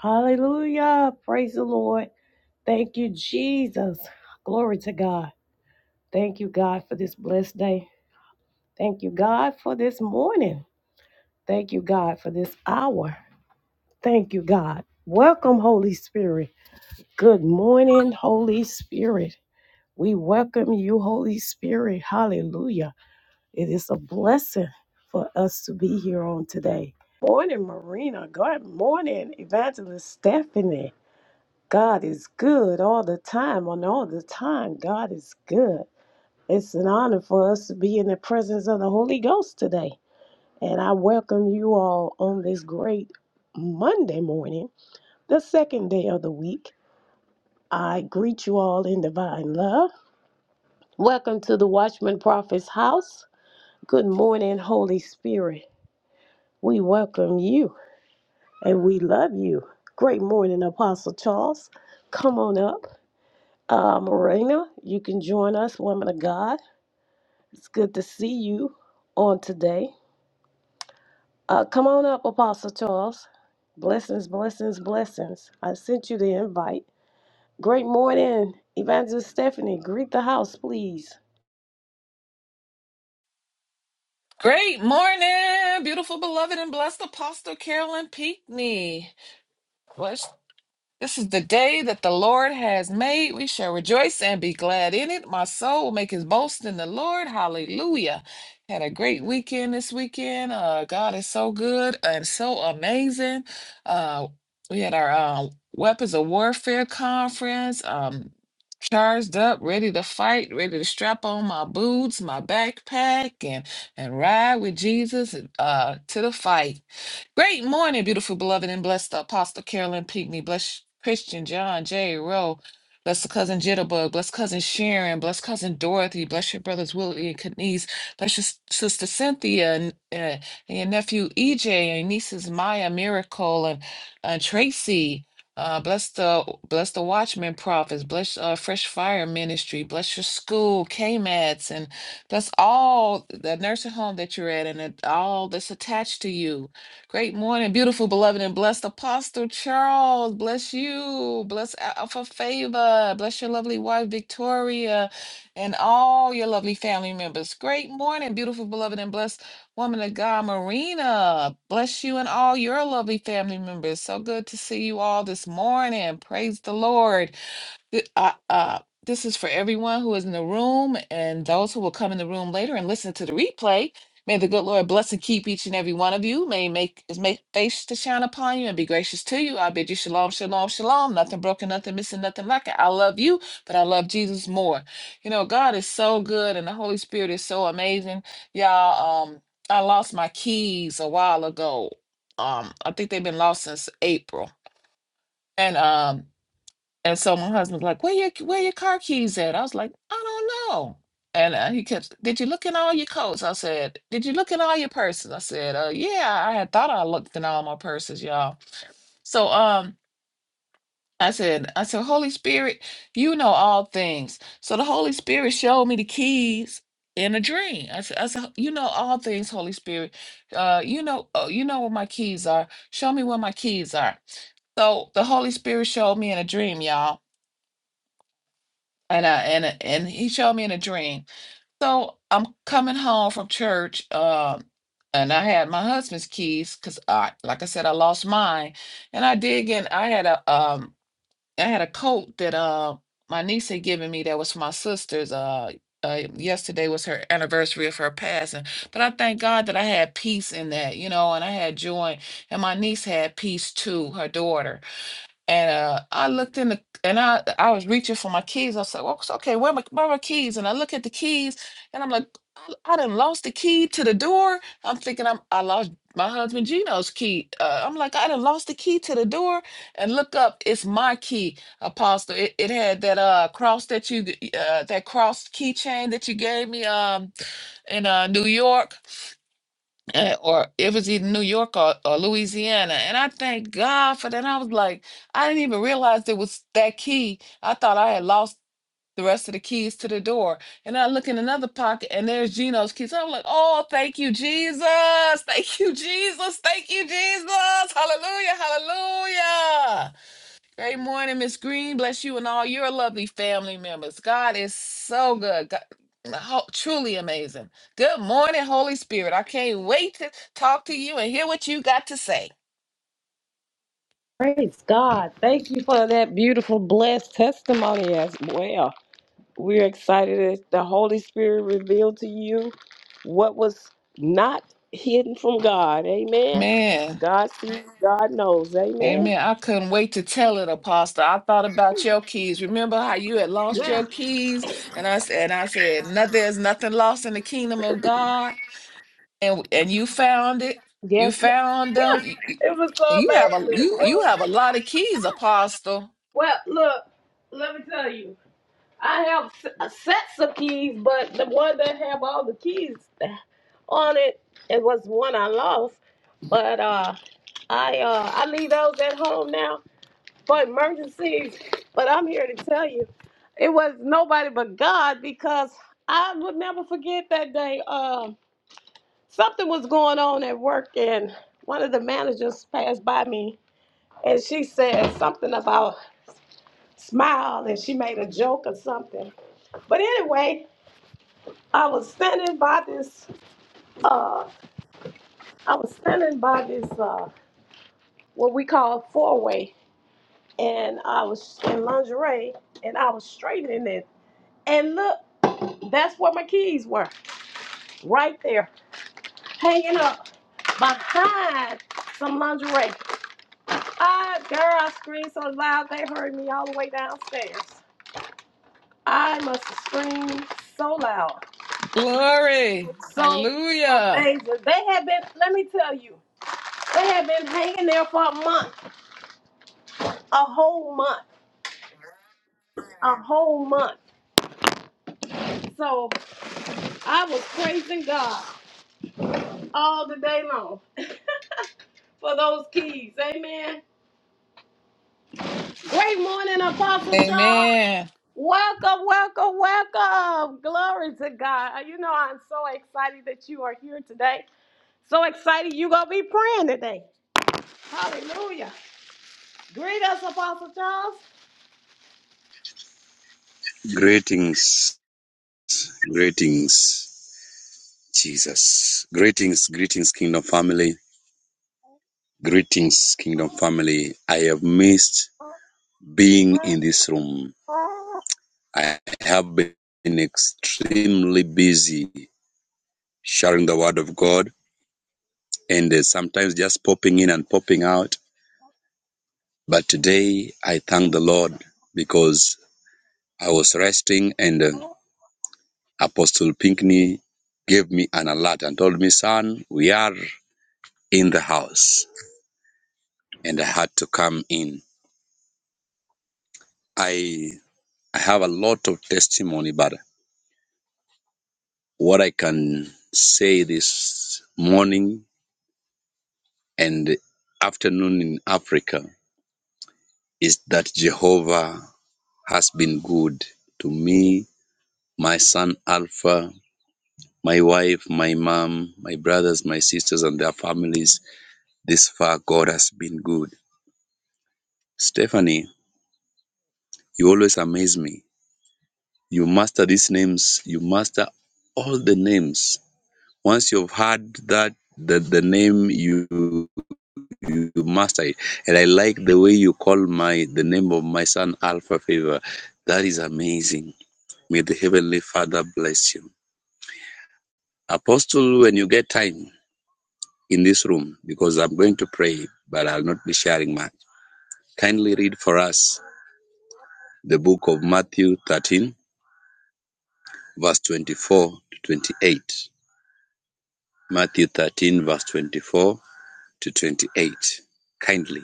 Hallelujah. Praise the Lord. Thank you, Jesus. Glory to God. Thank you, God, for this blessed day. Thank you, God, for this morning. Thank you, God, for this hour. Thank you, God. Welcome, Holy Spirit. Good morning, Holy Spirit. We welcome you, Holy Spirit. Hallelujah. It is a blessing for us to be here on today. Morning, Marina. Good morning, Evangelist Stephanie. God is good all the time, and all the time, God is good. It's an honor for us to be in the presence of the Holy Ghost today. And I welcome you all on this great Monday morning, the second day of the week. I greet you all in divine love. Welcome to the Watchman Prophet's house. Good morning, Holy Spirit. We welcome you and we love you. Great morning, Apostle Charles. Come on up. Uh, Morena, you can join us, women of God. It's good to see you on today. Uh, come on up, Apostle Charles. Blessings, blessings, blessings. I sent you the invite. Great morning, Evangelist Stephanie. Greet the house, please. Great morning, beautiful, beloved, and blessed Apostle Carolyn Pinckney. Bless this is the day that the Lord has made. We shall rejoice and be glad in it. My soul will make his boast in the Lord. Hallelujah. Had a great weekend this weekend. Uh, God is so good and so amazing. Uh, we had our uh, Weapons of Warfare conference. Um, charged up, ready to fight, ready to strap on my boots, my backpack, and and ride with Jesus uh, to the fight. Great morning, beautiful, beloved, and blessed Apostle Carolyn Pinckney. Bless Christian John J. Rowe. Bless the cousin Jitterbug. Bless cousin Sharon. Bless cousin Dorothy. Bless your brothers Willie and Kenise. Bless your s- sister Cynthia and, uh, and your nephew EJ and nieces Maya, Miracle, and uh, Tracy. Uh, bless the bless the Watchman prophets. Bless uh, Fresh Fire Ministry. Bless your school, k KMATs, and bless all the nursing home that you're at, and it- all that's attached to you Great morning, beautiful, beloved, and blessed Apostle Charles. Bless you. Bless Alpha Favor. Bless your lovely wife, Victoria, and all your lovely family members. Great morning, beautiful, beloved, and blessed woman of God, Marina. Bless you and all your lovely family members. So good to see you all this morning. Praise the Lord. Th- Uh, uh, this is for everyone who is in the room and those who will come in the room later and listen to the replay. May the good Lord bless and keep each and every one of you. May He make his make face to shine upon you and be gracious to you. I bid you shalom, shalom, shalom. Nothing broken, nothing missing, nothing lacking. I love you, but I love Jesus more. You know, God is so good and the Holy Spirit is so amazing. Y'all, um, I lost my keys a while ago. Um, I think they've been lost since April. And um and so my husband's like, "Where your where your car keys at?" I was like, "I don't know." And uh, he kept, "Did you look in all your coats?" I said, "Did you look in all your purses?" I said, "Uh, yeah, I had thought I looked in all my purses, y'all." So um, I said, "I said, Holy Spirit, you know all things." So the Holy Spirit showed me the keys in a dream. I said, "I said, you know all things, Holy Spirit. Uh, you know, uh, you know where my keys are. Show me where my keys are." So the Holy Spirit showed me in a dream, y'all and I and and he showed me in a dream. So I'm coming home from church, um, and I had my husband's keys because I, like I said, I lost mine, and I did get. I had a um, I had a coat that uh my niece had given me that was for my sister's. Uh, uh, yesterday was her anniversary of her passing, but I thank God that I had peace in that, you know, and I had joy, and my niece had peace too, her daughter and uh, I looked in the and I I was reaching for my keys. I said, "Well, it's okay, where are my where are my keys?" And I look at the keys, and I'm like, "I, I done lost the key to the door." I'm thinking I'm I lost my husband Gino's key. Uh, I'm like, "I done lost the key to the door," and look up, it's my key, Apostle. It, it had that uh cross that you g- uh that cross keychain that you gave me um in uh New York uh, or it was either New York or, or Louisiana. And I thank God for that. I was like, I didn't even realize it was that key. I thought I had lost the rest of the keys to the door. And I look in another pocket and there's Gino's keys. I'm like, oh, thank you, Jesus. Thank you, Jesus. Thank you, Jesus. Hallelujah. Hallelujah. Great morning, Miss Green. Bless you and all your lovely family members. God is so good. God, ho- truly amazing. Good morning, Holy Spirit. I can't wait to talk to you and hear what you got to say. Praise God. Thank you for that beautiful, blessed testimony as well. We're excited that the Holy Spirit revealed to you what was not hidden from God. Amen. Man, God sees, God knows. Amen. amen. I couldn't wait to tell it, Apostle. I thought about your keys. Remember how you had lost Yeah. your keys? And I said, and I said, no, there's nothing lost in the kingdom of God. And and you found it. You Yes. found ma'am. them. You you- It was so you have a amazing. It you you was, have a lot of keys, Apostle. well, look, let me tell you. I have s- uh, sets of keys, but the one that have all the keys on it, it was one I lost. But uh, I uh, I leave those at home now. for emergencies. But I'm here to tell you, it was nobody but God because I would never forget that day. Um, something was going on at work, and one of the managers passed by me, and she said something about smile, and she made a joke or something. But anyway, I was standing by this. Uh, I was standing by this. Uh, what we call four way, and I was in lingerie, and I was straightening it, and look. That's where my keys were, right there, hanging up behind some lingerie. I, girl, I screamed so loud they heard me all the way downstairs. I must have screamed so loud, Glory. so Hallelujah. amazing. They had been, let me tell you, they had been hanging there for a month, a whole month, a whole month. So I was praising God all the day long for those keys. Amen. Great morning, Apostle Charles. Amen. Welcome, welcome, welcome. Glory to God. You know, I'm so excited that you are here today. So excited you're going to be praying today. Hallelujah. Greet us, Apostle Charles. Greetings, greetings, Jesus. Greetings, greetings, Kingdom family. Greetings, Kingdom family. I have missed being in this room. I have been extremely busy sharing the word of God and uh, sometimes just popping in and popping out. But today I thank the Lord because I was resting and uh, Apostle Pinkney gave me an alert and told me, son, we are in the house. and I had to come in. I I have a lot of testimony, but what I can say this morning and afternoon in Africa is that Jehovah has been good to me, my son Alpha, my wife, my mom, my brothers, my sisters, and their families. This far, God has been good. Stephanie, you always amaze me. You master these names, you master all the names Once you've heard that the, the name you, you you master it. And I like the way you call my the name of my son Alpha Favor. That is amazing. May the Heavenly Father bless you. Apostle, when you get time in this room, because I'm going to pray, but I'll not be sharing much. Kindly read for us the book of Matthew 13, verse 24 to 28. Matthew 13, verse 24 to 28. Kindly.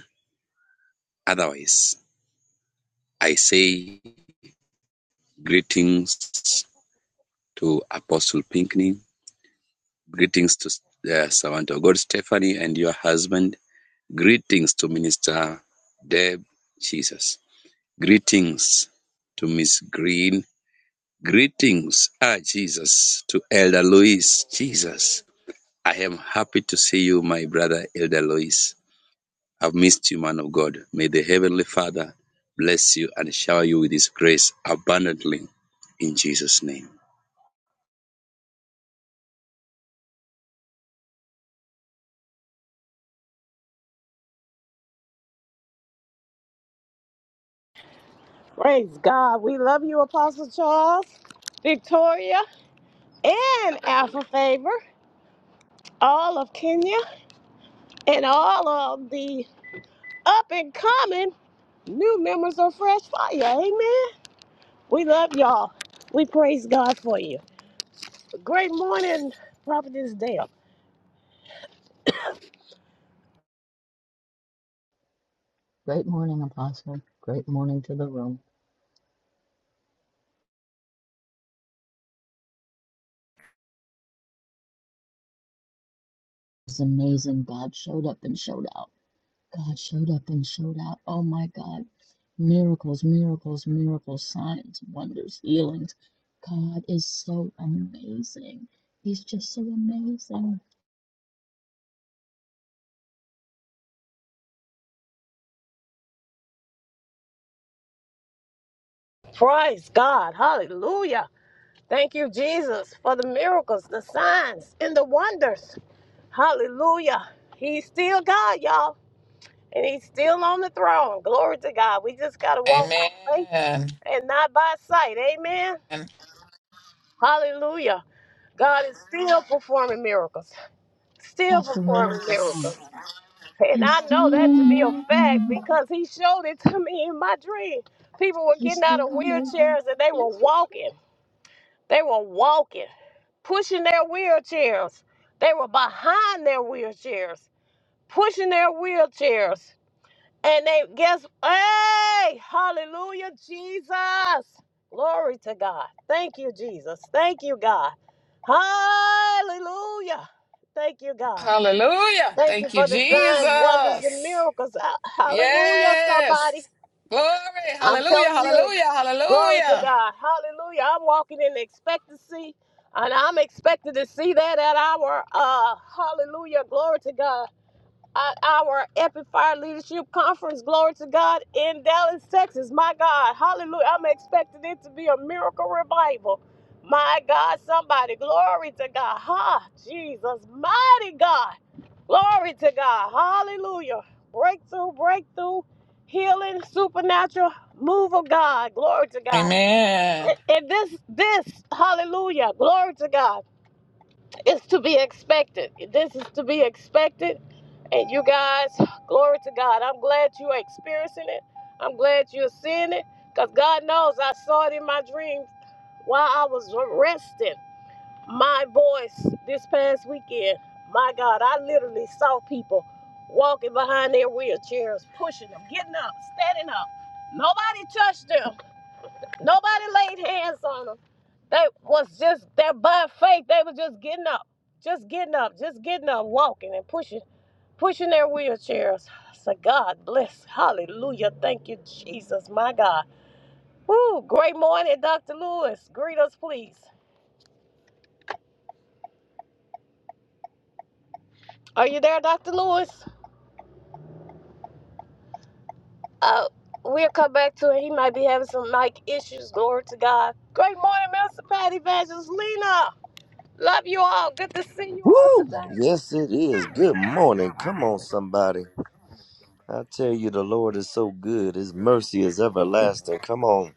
Otherwise. I say greetings to Apostle Pinkney, greetings to the servant of God Stephanie and your husband, greetings to Minister Deb Jesus, greetings to Miss Green, greetings, ah Jesus, to Elder Louis Jesus. I am happy to see you, my brother Elder Louis. I've missed you, man of God. May the Heavenly Father bless you and shower you with His grace abundantly in Jesus' name. Praise God. We love you, Apostle Charles, Victoria, and Alpha Favor, all of Kenya, and all of the up and coming new members of Fresh Fire. Amen. We love y'all. We praise God for you. Great morning, Prophetess Dale. Great morning, Apostle. Great morning to the room. It's amazing. God showed up and showed out. God showed up and showed out. Oh my God. Miracles, miracles, miracles, signs, wonders, healings. God is so amazing. He's just so amazing. Praise God. Hallelujah. Thank you, Jesus, for the miracles, the signs, and the wonders. Hallelujah. He's still God, y'all. And he's still on the throne. Glory to God. We just got to walk by faith Amen. and not by sight. Amen. And Hallelujah. God is still performing miracles. Still Pastor Rayo's performing song. yes. miracles. And He's I know that still to be a fact moving. because he showed it to me in my dream. People were He's getting out of still moving. wheelchairs and they Yes, were yes, walking. They were walking, pushing their wheelchairs. They were behind their wheelchairs, pushing their wheelchairs. And they guess, hey, hallelujah, Jesus. Glory to God. Thank you, Jesus. Thank you, God. Hallelujah. Thank you, God. Hallelujah. Thank you Thank you, for the signs, wonders, and Jesus. miracles. Ah, Hallelujah, somebody. Yes. Glory. I'm Hallelujah. telling you, Hallelujah. glory to Hallelujah. God. Hallelujah. I'm walking in expectancy, and I'm expected to see that at our uh hallelujah. Glory to God uh, our Epic Leadership Conference. Glory to God in Dallas, Texas. My God, hallelujah. I'm expecting it to be a miracle revival. My God, somebody, glory to God. Ha, Jesus, mighty God. Glory to God. Hallelujah. Breakthrough, breakthrough, healing, supernatural move of God. Glory to God. Amen. And and this, this, hallelujah. Glory to God. It's to be expected. This is to be expected. And you guys, glory to God. I'm glad you are experiencing it. I'm glad you're seeing it. Because God knows I saw it in my dreams while I was resting my voice this past weekend. My God, I literally saw people walking behind their wheelchairs, pushing them, getting up, standing up. Nobody touched them. Nobody laid hands on them. They was just that by faith. They was just getting up, just getting up, just getting up, walking and pushing, pushing their wheelchairs. So God bless. Hallelujah. Thank you, Jesus, my God. Woo! Great morning, Dr. Lewis. Greet us, please. Are you there, Dr. Lewis? Uh, we'll come back to it. He might be having some mic issues. Glory to God. Great morning, Mr. Patty Evangelina. Love you all. Good to see you all Woo! today. Yes, it is. Good morning. Come on, somebody. I tell you, the Lord is so good. His mercy is everlasting. Come on.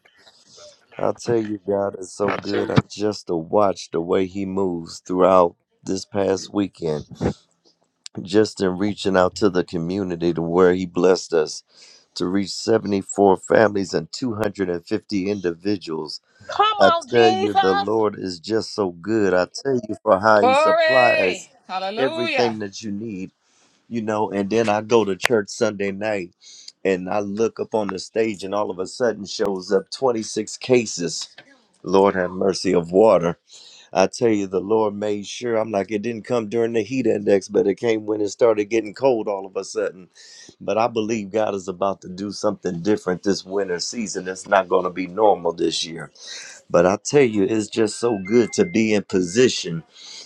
I tell you, God is so good. I just to watch the way He moves throughout this past weekend, just in reaching out to the community to where He blessed us to reach 74 families and 250 individuals. Come I on, tell you, the Jesus. Lord is just so good. I tell you for how He supplies Glory. everything Hallelujah. that you need. you know, and then I go to church Sunday night and I look up on the stage and all of a sudden shows up 26 cases. Lord have mercy of water. I tell you, the Lord made sure. I'm like, it didn't come during the heat index, but it came when it started getting cold all of a sudden. But I believe God is about to do something different this winter season. It's not going to be normal this year but I tell you, it's just so good to be in position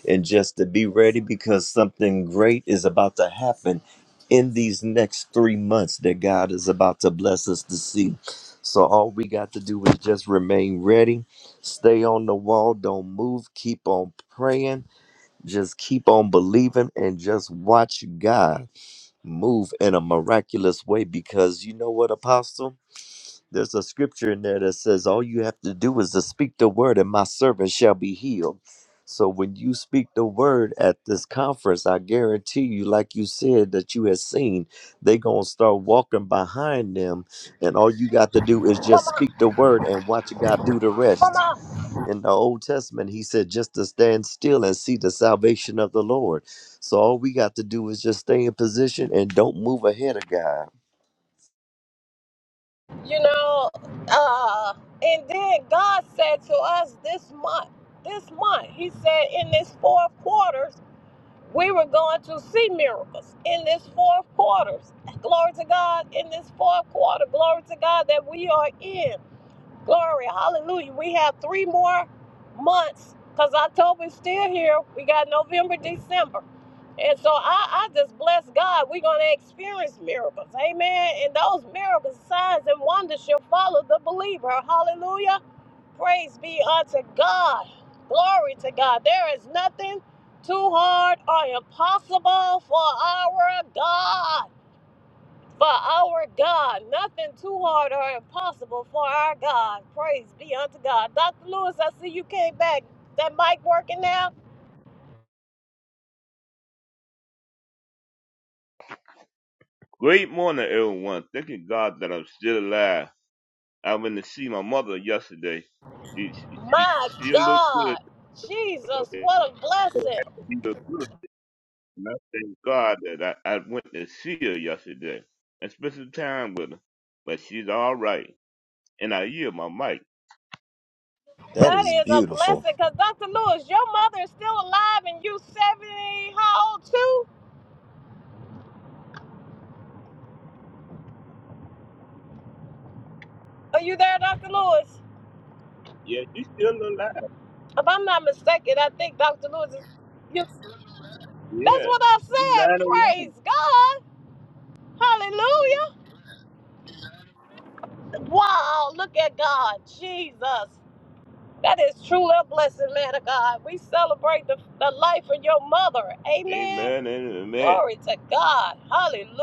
and just to be ready because something great is about to happen in these next three months that God is about to bless us to see. So all we got to do is just remain ready, stay on the wall, don't move, keep on praying, just keep on believing, and just watch God move in a miraculous way because you know what, Apostle? There's a scripture in there that says, All you have to do is to speak the word, and my servant shall be healed. So when you speak the word at this conference, I guarantee you, like you said, that you have seen, they going to start walking behind them. And all you got to do is just speak the word and watch God do the Come rest. on. In the Old Testament, he said just to stand still and see the salvation of the Lord. So all we got to do is just stay in position and don't move ahead of God. you know uh and then god said to us this month this month he said in this fourth quarters we were going to see miracles in this fourth quarters glory to god in this fourth quarter glory to god that we are in Glory, hallelujah. We have three more months because October's still here. We got November, December. And so I, I just bless God. We're going to experience miracles. Amen. And those miracles, signs, and wonders shall follow the believer. Hallelujah. Praise be unto God. Glory to God. There is nothing too hard or impossible for our God. For our God, nothing too hard or impossible for our God. Praise be unto God. Dr. Lewis, I see you came back. That mic working now? Great morning, everyone. Thanking God that I'm still alive. I went to see my mother yesterday. She she, she My still looked good. God. though, Jesus, and what a blessing. She looked good. And I thank God that I, I went to see her yesterday and spent some time with her. But she's all right. And I hear my mic. That That is is a beautiful. blessing because Dr. Lewis, your mother is still alive and you 70, how old too? Are you there, Dr. Lewis? Yeah, she's still alive. If I'm not mistaken, I think Dr. Lewis is. You, that's Yeah. what I She's said. 901. Praise God. Hallelujah. Wow, look at God, Jesus. That is truly a blessing, man of God. We celebrate the, the life of your mother. Amen. Amen and amen. Glory to God. Hallelujah.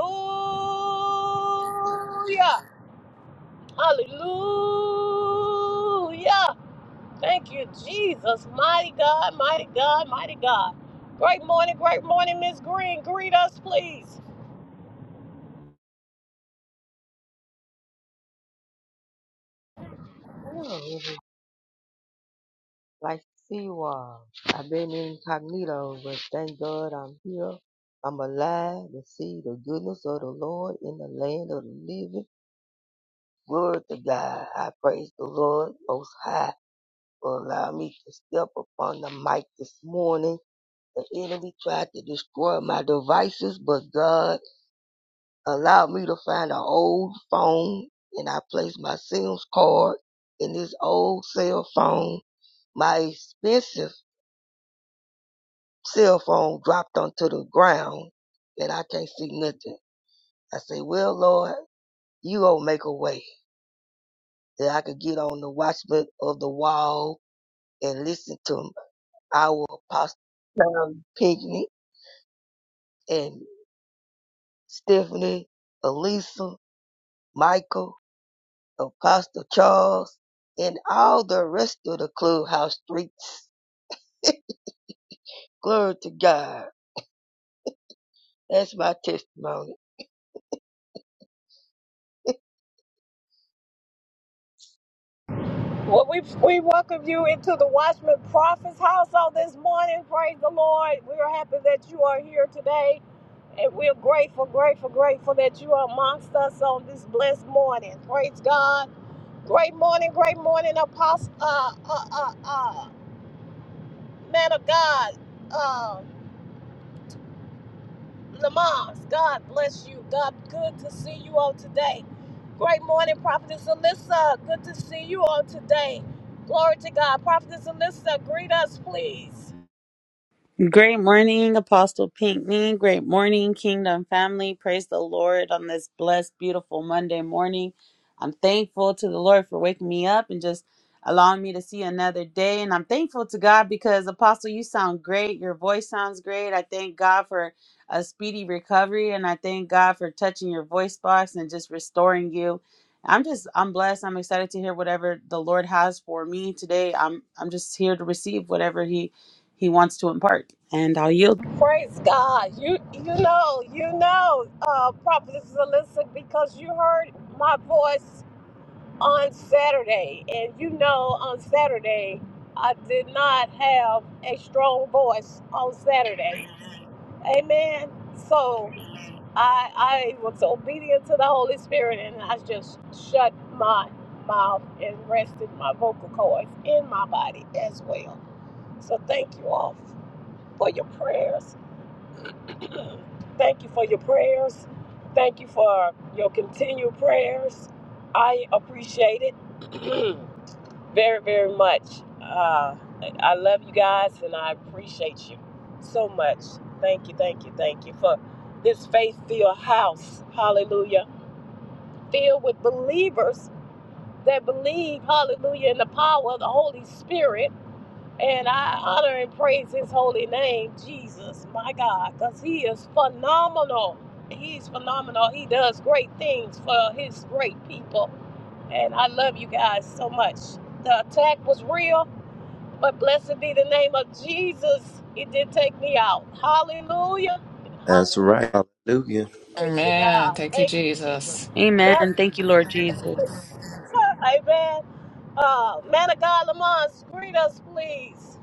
Hallelujah. Thank you, Jesus. Mighty God, mighty God, mighty God. Great morning, great morning, Miss Green. Greet us, please. Oh, it was like Seawall. I've been incognito, but thank God I'm here. I'm alive to see the goodness of the Lord in the land of the living. Glory to God. I praise the Lord most high for allowing me to step upon the mic this morning. The enemy tried to destroy my devices, but God allowed me to find an old phone and I placed my SIMS card in this old cell phone my expensive cell phone dropped onto the ground and I can't see nothing. I say, Well, Lord, you gonna make a way that I could get on the watchman of the wall and listen to our apostle Tom Pinkney and Stephanie, Elisa, Michael, Apostle Charles, and all the rest of the clubhouse streets. Glory to God. That's my testimony. Well, we, we welcome you into the Watchman Prophet's house on this morning. Praise the Lord. We are happy that you are here today. And we're grateful, grateful, grateful that you are amongst us on this blessed morning. Praise God. Great morning, great morning, Apostle, uh, uh, uh, uh, man of God. Um, Lamont, God bless you. God, good to see you all today. Great morning, Prophetess Alyssa. Good to see you all today. Glory to God. Prophetess Alyssa, greet us, please. Great morning, Apostle Pinkney. Great morning, Kingdom family. Praise the Lord on this blessed, beautiful Monday morning. I'm thankful to the Lord for waking me up and just allowing me to see another day. And I'm thankful to God because, Apostle, you sound great. Your voice sounds great. I thank God for a speedy recovery and I thank God for touching your voice box and just restoring you. I'm just I'm blessed. I'm excited to hear whatever the Lord has for me today. I'm I'm just here to receive whatever he he wants to impart. And I'll yield. Praise God. You you know, you know, uh, Prophetess Alyssa, because you heard my voice on Saturday. And you know on Saturday, I did not have a strong voice on Saturday. Amen. So I I was obedient to the Holy Spirit and I just shut my mouth and rested my vocal cords in my body as well. So thank you all for your prayers. Thank you for your prayers. Thank you for your continued prayers. I appreciate it very, very much. Uh, I love you guys and I appreciate you so much. Thank you, thank you, thank you for this faith filled house. Hallelujah filled with believers that believe, hallelujah, in the power of the Holy Spirit. And I honor and praise his holy name, Jesus, my God, because he is phenomenal. He's phenomenal. He does great things for his great people. And I love you guys so much. The attack was real, but blessed be the name of Jesus. It did take me out. Hallelujah. That's right. Hallelujah. Glory to Amen. God. Thank you, Thank you, Jesus. Jesus. Amen. That's, Thank you, Lord Jesus. amen. Uh, man of God, Lamont, greet us, please.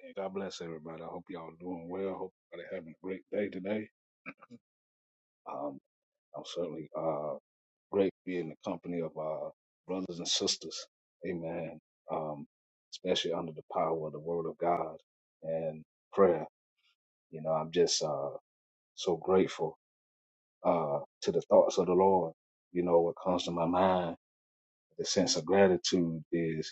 Hey, God bless everybody. I hope y'all doing well. Hope everybody having a great day today. Um, I'm certainly uh great to be in the company of uh brothers and sisters. Amen. Um, especially under the power of the Word of God and prayer. You know, I'm just uh so grateful uh to the thoughts of the Lord. You know, what comes to my mind, the sense of gratitude is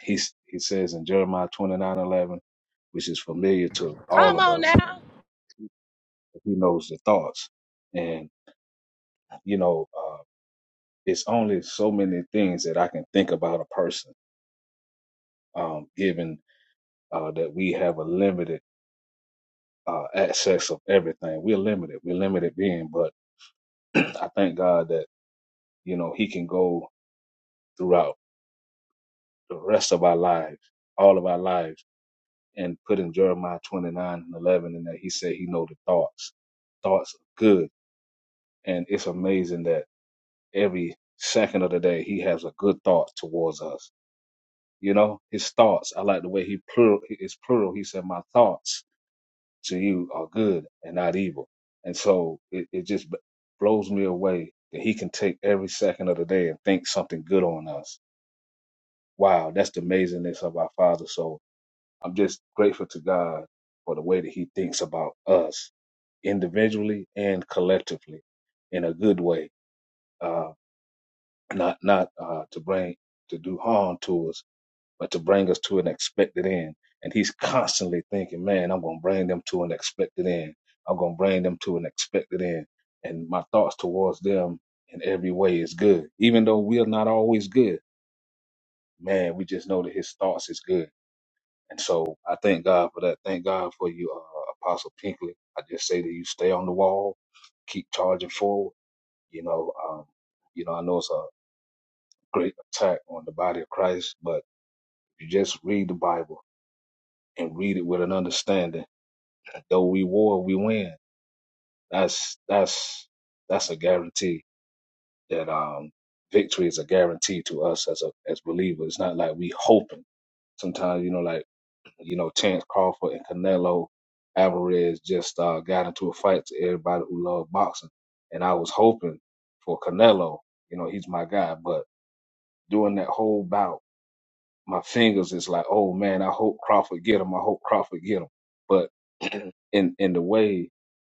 He. he says in Jeremiah 29:11, which is familiar to all Come of on us now. He knows the thoughts. And, you know, uh, it's only so many things that I can think about a person, um, given uh, that we have a limited uh, access of everything. We're limited. We're limited being, but I thank God that, you know, He can go throughout the rest of our lives, all of our lives, and put in Jeremiah 29 and 11, and that He said He know the thoughts, thoughts of good. And it's amazing that every second of the day, He has a good thought towards us You know, his thoughts. I like the way he plural. It's plural. He said, "My thoughts to you are good and not evil." And so it, it just b- blows me away that he can take every second of the day and think something good on us. Wow, that's the amazingness of our Father. So I'm just grateful to God for the way that He thinks about us individually and collectively in a good way, uh, not not uh, to bring to do harm to us but to bring us to an expected end. And he's constantly thinking, man, I'm going to bring them to an expected end. I'm going to bring them to an expected end. And my thoughts towards them in every way is good, even though we are not always good. Man, we just know that his thoughts is good. And so I thank God for that. Thank God for you, uh, Apostle Pinkley. I just say that you stay on the wall, keep charging forward. You know, um, you know, I know it's a great attack on the body of Christ, but you just read the Bible and read it with an understanding. Though we war, we win. That's that's that's a guarantee that um victory is a guarantee to us as a as believers. It's not like we hoping. Sometimes you know, like you know, Terrence Crawford and Canelo Alvarez just uh, got into a fight to everybody who loved boxing, and I was hoping for Canelo. You know, he's my guy, but during that whole bout. my fingers is like, oh man, I hope Crawford get him. I hope Crawford get him. But in in the way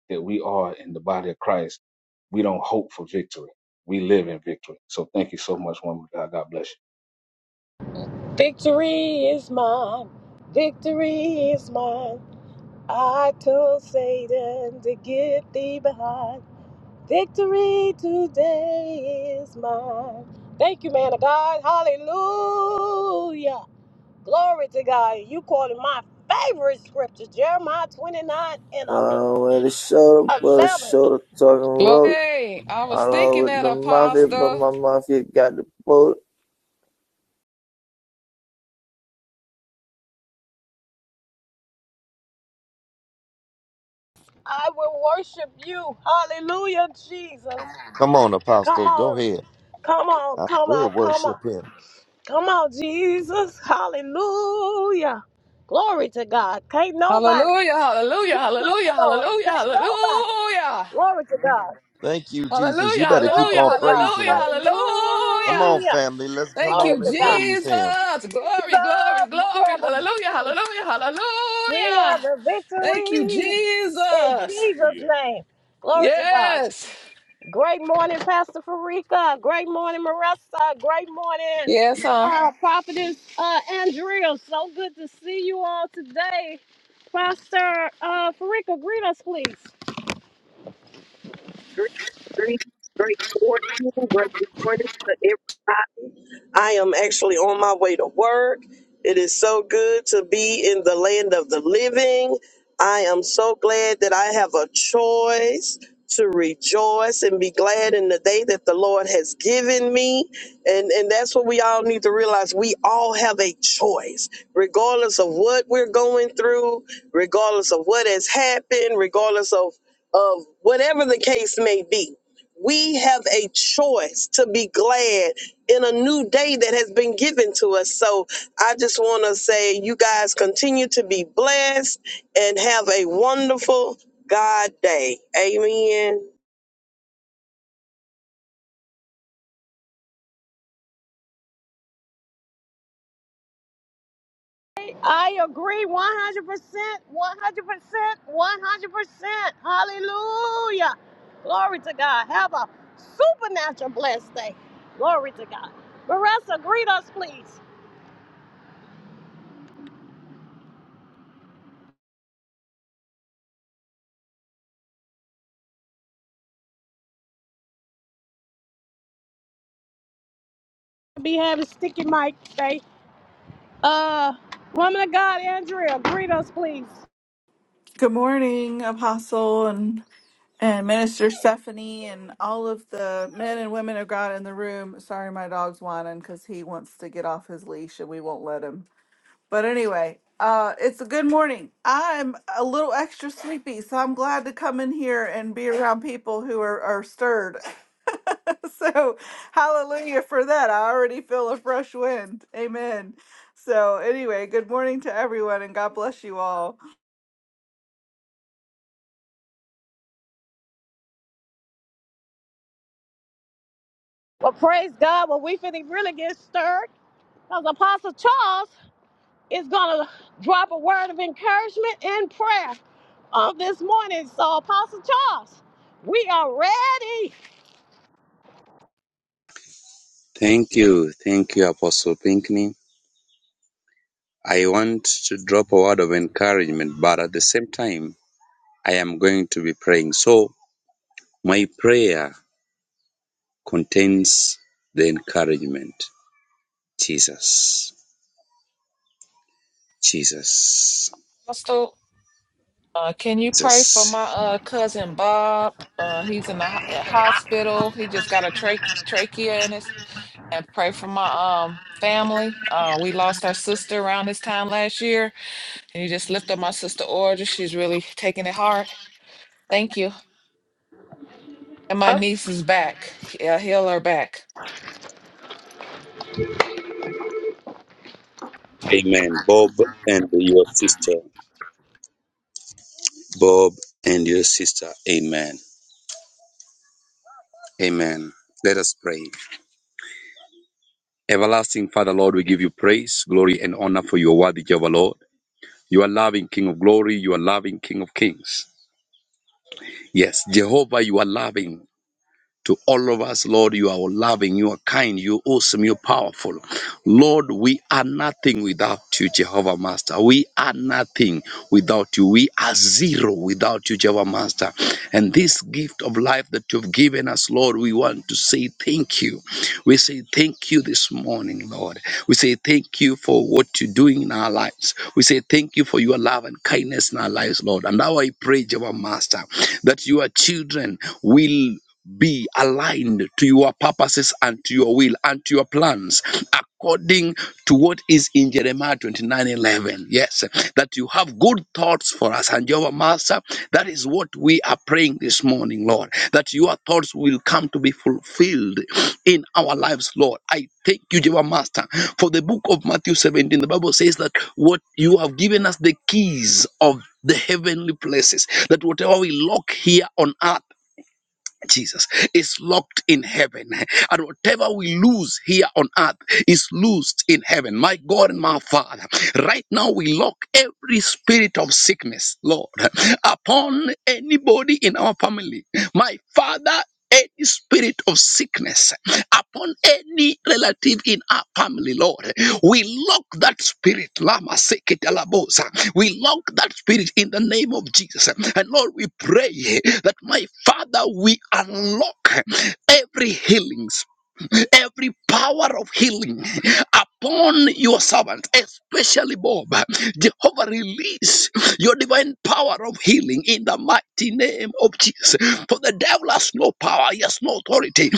that we are in the body of Christ, we don't hope for victory. We live in victory. So thank you so much, woman. of God. God bless you. Victory is mine. Victory is mine. I told Satan to get thee behind. Victory today is mine. Thank you, man of God. Hallelujah. Glory to God. You quoted my favorite scripture, Jeremiah 29 and Gone away the shoulder, but the 11. shoulder talking road. Glory. I was I love thinking with that, the mafia, but Apostle. my mafia got the boat. I will worship you. Hallelujah, Jesus. Come on, Come Apostle. Go on. ahead. Come on, I come will on, come on. worship him. Come on, Jesus. Hallelujah. Glory to God. Can't nobody Hallelujah. do Hallelujah. me like the Hallelujah. Lord. Hallelujah. Can't nobody. Hallelujah. Glory to God. Thank you, Jesus. You Hallelujah, better keep Glory hallelujah, on to God. praising hallelujah, him. Come on, hallelujah. Hallelujah. family. Let's come Thank Glory you, on to and God. praise him. Jesus. Glory, glory, Jesus, we glory. have the Hallelujah, victory. hallelujah, We hallelujah. have the Thank you, victory in Jesus. Jesus' Hallelujah. name. Glory to God. Yes. Great morning, Pastor Farika. Great morning, Marissa. Great morning, Yes, uh, uh, Prophetess uh, Andrea. So good to see you all today. Pastor uh, Farika, greet us, please. Great, great, great fortune, great morning to everybody. I am actually on my way to work. It is so good to be in the land of the living. I am so glad that I have a choice to rejoice and be glad in the day that the Lord has given me. And, and that's what we all need to realize. We all have a choice, regardless of what we're going through, regardless of what has happened, regardless of, of whatever the case may be we have a choice to be glad in a new day that has been given to us. So I just want to say, you guys continue to be blessed and have a wonderful God day. Amen. I agree 100%, 100%, 100%. Hallelujah. Glory to God. Have a supernatural blessed day. Glory to God. Marissa, greet us, please. Be having sticky mic today. Uh, woman of God, Andrea, greet us, please. Good morning, Apostle and and Minister Stephanie and all of the men and women of God in the room. Sorry, my dog's whining because he wants to get off his leash and we won't let him. But anyway, uh, it's a good morning. I'm a little extra sleepy, so I'm glad to come in here and be around people who are, are stirred. so hallelujah for that. I already feel a fresh wind. Amen. So anyway, good morning to everyone and God bless you all. Well, praise God. Well, we finna really get stirred because Apostle Charles is gonna drop a word of encouragement and prayer on this morning. So, Apostle Charles, we are ready. Thank you. Thank you, Apostle Pinkney. I want to drop a word of encouragement, but at the same time, I am going to be praying. So, my prayer contains the encouragement. Jesus. Jesus. Apostle, uh, can you pray for my Jesus. uh, cousin Bob? Uh, he's in the ho- uh, hospital. He just got a trache trachea in his, and pray for my um family. Uh, we lost our sister around this time last year Can you just lift up my sister Audra? She's really taking it hard. Thank you. And my Okay. niece is back. Yeah, heal her back. Amen. Bob and your sister. Bob and your sister. Amen. Amen. Let us pray. Everlasting Father, Lord, we give you praise, glory, and honor for your worthy Jehovah, Lord. You are loving King of glory. You are loving King of kings. Yes, Jehovah, you are loving to all of us, Lord. You are loving, you are kind, you're awesome, you're powerful. Lord, we are nothing without you, Jehovah Master. We are nothing without you. We are zero without you, Jehovah Master. And this gift of life that you've given us, Lord, we want to say thank you. We say thank you this morning, Lord. We say thank you for what you're doing in our lives. We say thank you for your love and kindness in our lives, Lord. And now I pray, Jehovah Master, that your children will be aligned to your purposes and to your will and to your plans according to what is in Jeremiah 29 11. Yes, that you have good thoughts for us. And Jehovah Master, that is what we are praying this morning, Lord, that your thoughts will come to be fulfilled in our lives, Lord. I thank you, Jehovah Master. For the book of Matthew 17, the Bible says that what you have given us the keys of the heavenly places, that whatever we lock here on earth Jesus is locked in heaven, and whatever we lose here on earth is loosed in heaven. My God and my Father, right now we lock every spirit of sickness, Lord, upon anybody in our family. My Father any spirit of sickness upon any relative in our family, Lord. We lock that spirit, Lama Seketalabosa. We lock that spirit in the name of Jesus. And Lord, we pray that my Father, we unlock every healing spirit, every power of healing upon your servant, especially Bob. Jehovah, release your divine power of healing in the mighty name of Jesus. For the devil has no power, he has no authority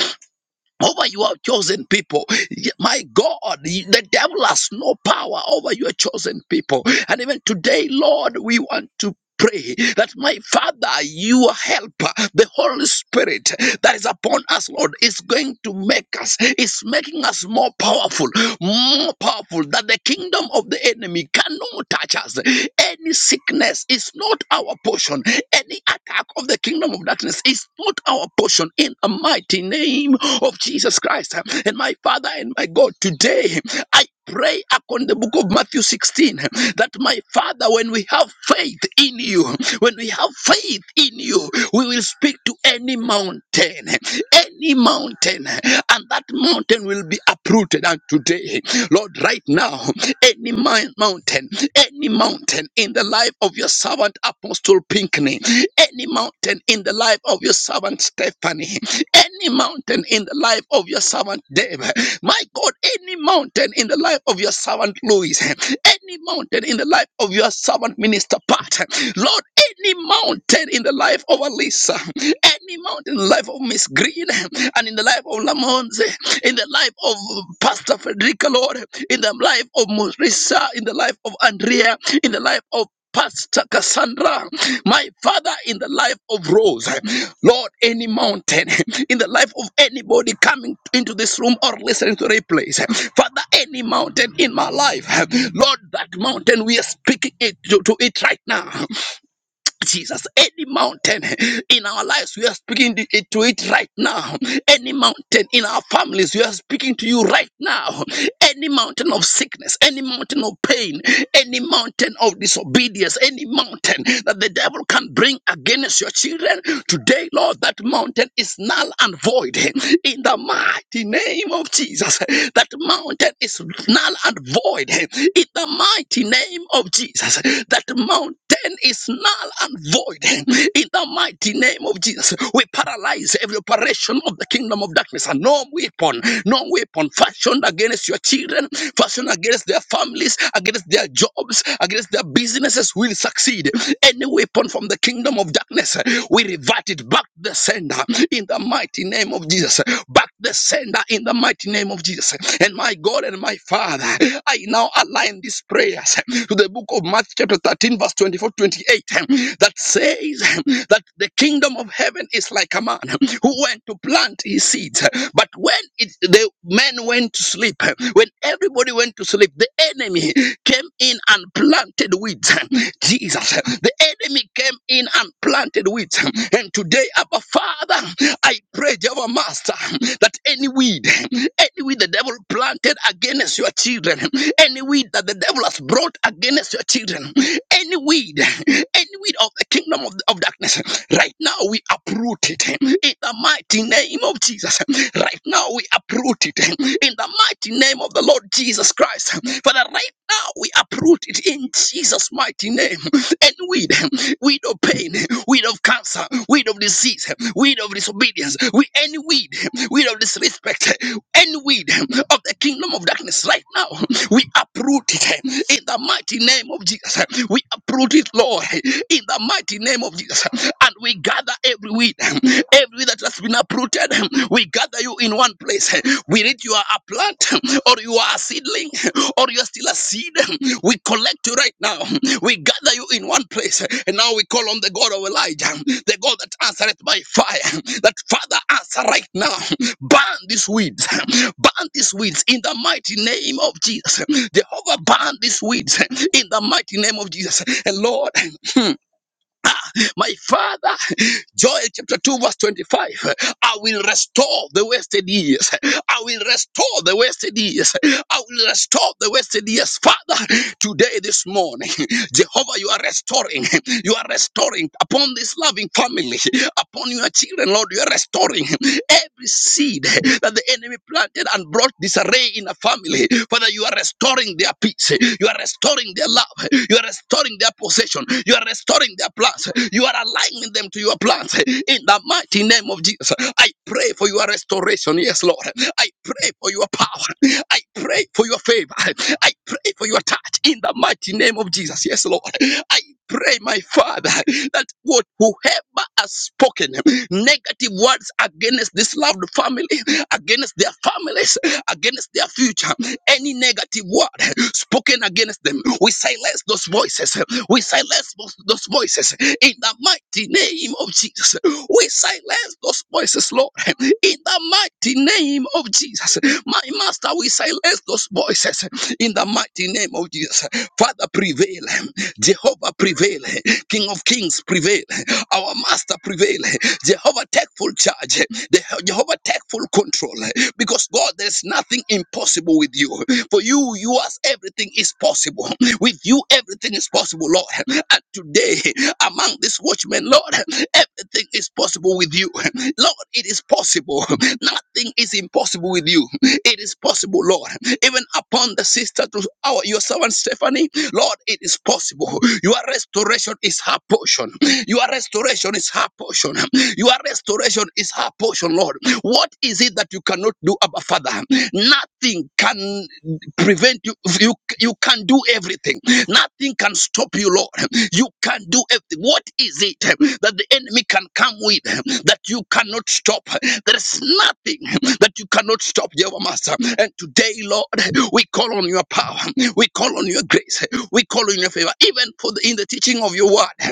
over your chosen people. Ye- My God, the devil has no power over your chosen people. And even today, Lord, we want to. Pray that my Father, your helper, the Holy Spirit that is upon us, Lord, is going to make us, is making making us more powerful, more powerful, that the kingdom of the enemy cannot touch us. Any sickness is not our portion. Any attack of the kingdom of darkness is not our portion in the mighty name of Jesus Christ. And my Father and my God, today I pray upon the book of Matthew 16 that my Father, when we have faith in you, when we have faith in you, we will speak to any mountain, any mountain, and that mountain will be uprooted. And today, Lord, right now, any mi- mountain, any mountain in the life of your servant Apostle Pinkney, any mountain in the life of your servant Stephanie, any mountain in the life of your servant David, my God, any mountain in the life of your servant Louis, any mountain in the life of your servant Minister Pat, Lord, any mountain in the life of Alisa, any mountain in the life of Miss Green, and in the life of Lamonze, in the life of Pastor Frederica, Lord, in the life of Marissa, in the life of Andrea, in the life of Pastor Cassandra, my father, in the life of Rose, Lord, any mountain, in the life of anybody coming into this room or listening to replays, Father, any mountain in my life, Lord, that mountain, we are speaking it to, to it right now. Jesus, any mountain in our lives, we are speaking to it to it right now. Any mountain in our families, we are speaking to you right now. Any mountain of sickness, any mountain of pain, any mountain of disobedience, any mountain that the devil can bring against your children, today, Lord, that mountain is null and void. In the mighty name of Jesus, that mountain is null and void. In the mighty name of Jesus, that mountain is null null and void in the mighty name of Jesus. We paralyze every operation of the kingdom of darkness and no weapon, no weapon fashioned against your children, fashioned against their families, against their jobs, against their businesses will succeed. Any weapon from the kingdom of darkness, we revert it back to the sender in the mighty name of Jesus. Back to the sender in the mighty name of Jesus. And my God and my Father, I now align these prayers to the book of Matthew, chapter 13, verse 24 to 28 that says that the kingdom of heaven is like a man who went to plant his seeds. But when it, the men went to sleep, when everybody went to sleep, the enemy came in and planted weeds. Jesus, the enemy came in and planted weeds. And today, Abba Father, I pray, Jehovah Master, that any weed, any weed the devil planted against your children, any weed that the devil has brought against your children, any weed, any weed of the kingdom of, of darkness, right now we uproot it in the mighty name of Jesus. Right now we uproot it in the mighty name of the Lord Jesus Christ. Father, right now we uproot it in Jesus' mighty name. Any weed, weed of pain, weed of cancer, weed of disease, weed of disobedience, we any weed, weed of disrespect, any weed of the kingdom of darkness right now, we uproot it in the mighty name of Jesus. We uproot it, Lord, in the mighty name of Jesus. And we gather every weed, every weed that has been uprooted, we gather you in one place. We read you are a plant or you are you are a seedling or you're still a seed, we collect you right now. We gather you in one place. And now we call on the God of Elijah, the God that answereth by fire. That Father, answer right now. Burn these weeds. Burn these weeds in the mighty name of Jesus. Jehovah, burn these weeds in the mighty name of Jesus. And Lord, my Father, Joel chapter 2, verse 25. I will restore the wasted years. I will restore the wasted years. I will restore the wasted years. Father, today, this morning, Jehovah, you are restoring. You are restoring upon this loving family, upon your children, Lord. You are restoring every seed that the enemy planted and brought disarray in a family. Father, Father, you are restoring their peace. You are restoring their love. You are restoring their possession. You are restoring their plans. You are aligning them to your plans. In the mighty name of Jesus, I pray for your restoration. Yes, Lord. I pray for your power. I pray for your favor. I pray for your touch. In the mighty name of Jesus. Yes, Lord. I pray, my Father, that what whoever has spoken, negative words against this loved family, against their families, against their future. Any negative word spoken against them, we silence those voices. We silence those those voices in the mighty name of Jesus. We silence those voices, Lord, in the mighty name of Jesus. My master, we silence those voices in the mighty name of Jesus. Father, prevail. Jehovah, prevail. King of kings, prevail. Our master, prevail. Jehovah, take full charge. The- Jehovah, take full control. Because God, there's nothing impossible with you. For you, you as everything is possible. With you, everything is possible, Lord. And today, among this worship judgment, Lord. Everything is possible with you. Lord, it is possible. Nothing is impossible with you. It is possible, Lord. Even upon the sister to our your servant Stephanie, Lord, it is possible. Your restoration is her portion. Your restoration is her portion. Your restoration is her portion, Lord. What is it that you cannot do, Abba Father? Nothing can prevent you. You you can do everything. Nothing can stop you, Lord. You can do everything. What is it that the enemy can come with that you cannot stop? There is nothing that you cannot stop, Jehovah Master. And today, Lord, we call on your power. We call on your grace. We call on your favor, even for the, in the teaching of your word.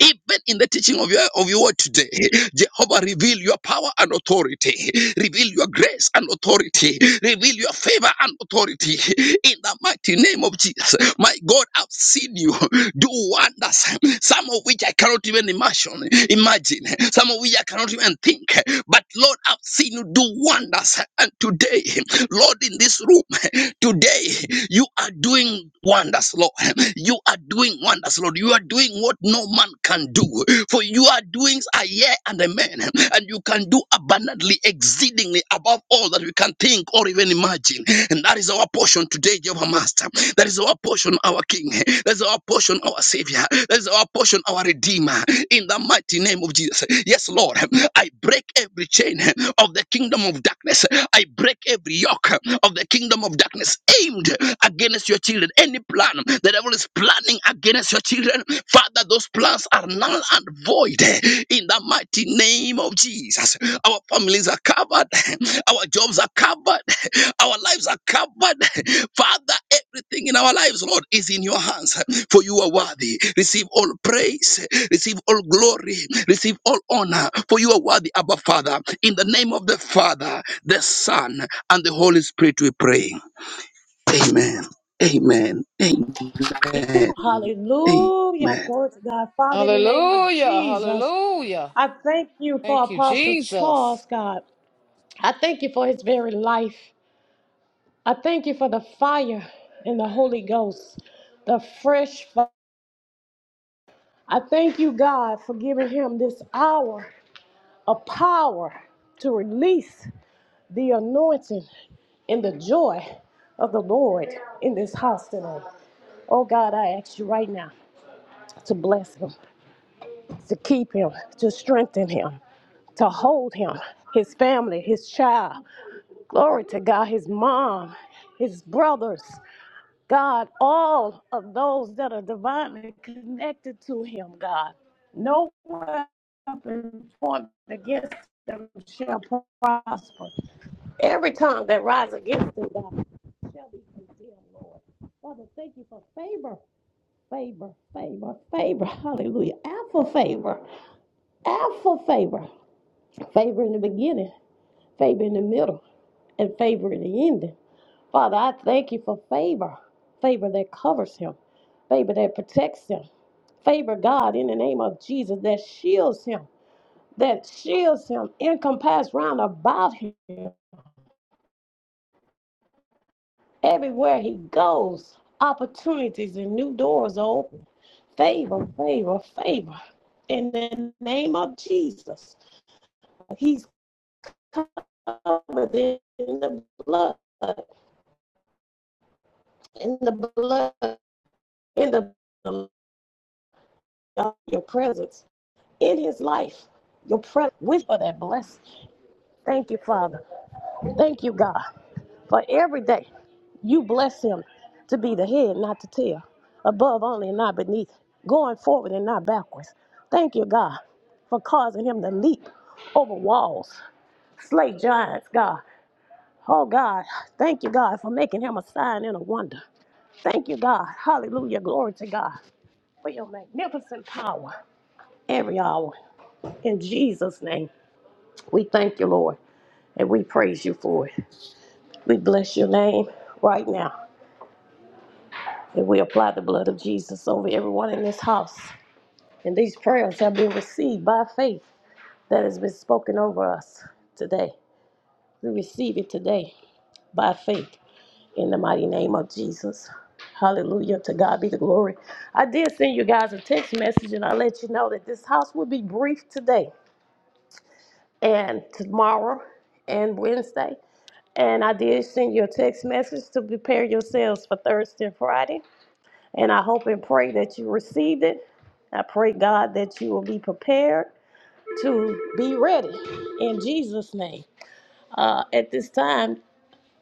Even in the teaching of your of your word today, Jehovah, reveal your power and authority, reveal your grace and authority, reveal your favor and authority in the mighty name of Jesus. My God, I've seen you do wonders, some of which I cannot even imagine, imagine, some of which I cannot even think. But Lord, I've seen you do wonders. And today, Lord, in this room, today you are doing wonders, Lord. You are doing wonders, Lord. You are doing what no man can do. For you are doing a year and a man, and you can do abundantly, exceedingly above all that we can think or even imagine. And that is our portion today, Jehovah Master. That is our portion, our King. That is our portion, our Savior. That is our portion, our Redeemer. In the mighty name of Jesus. Yes, Lord. I break every chain of the kingdom of darkness. I break every yoke of the kingdom of darkness aimed against your children. Any plan the devil is planning against your children, Father, those plans are null and void. In the mighty name of Jesus, our families are covered, our jobs are covered, our lives are covered. Father, Everything in our lives, Lord, is in your hands, for you are worthy. Receive all praise, receive all glory, receive all honor, for you are worthy, Abba Father. In the name of the Father, the Son, and the Holy Spirit, we pray. Amen. Amen. Amen. Hallelujah. Amen. Glory to God. Father, in the name of Hallelujah. Jesus, Hallelujah. I thank you for Thank you, Apostle Jesus. Charles, God. I thank you for his very life. I thank you for the fire and the Holy Ghost, the fresh fire. I thank you, God, for giving him this hour of power to release the anointing and the joy of the Lord in this house tonight. Oh, God, I ask you right now to bless him, to keep him, to strengthen him, to hold him, his family, his child. Glory to God, his mom, his brothers. God, all of those that are divinely connected to him, God. No weapon formed against them shall prosper. Every tongue that rises against them, God, shall be condemned, Lord. Father, thank you for favor, favor, favor, favor. Hallelujah. Alpha favor, alpha favor. Favor in the beginning, favor in the middle, and favor in the ending. Father, I thank you for favor, favor that covers him, favor that protects him, favor, God, in the name of Jesus, that shields him, that shields him, encompass round about him. Everywhere he goes, opportunities and new doors are open. Favor, favor, favor. In the name of Jesus, he's covered in the blood, in the blood, in the your presence. in his life. Your prayer, with for that bless. Thank you, Father. Thank you, God, for every day you bless him to be the head, not the tail, above only and not beneath, going forward and not backwards. Thank you, God, for causing him to leap over walls, slay giants, God. Oh God, thank you, God, for making him a sign and a wonder. Thank you, God. Hallelujah. Glory to God for your magnificent power every hour. In Jesus' name, we thank you, Lord. And we praise you for it. We bless your name right now. And we apply the blood of Jesus over everyone in this house. And these prayers have been received by faith that has been spoken over us today. We receive it today by faith in the mighty name of Jesus. Hallelujah. To God be the glory. I did send you guys a text message and I let you know that this house will be brief today and tomorrow and Wednesday. And I did send you a text message to prepare yourselves for Thursday and Friday. And I hope and pray that you received it. I pray, God, that you will be prepared to be ready in Jesus' name. Uh, at this time,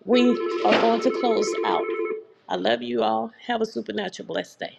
we are going to close out. I love you all. Have a supernatural blessed day.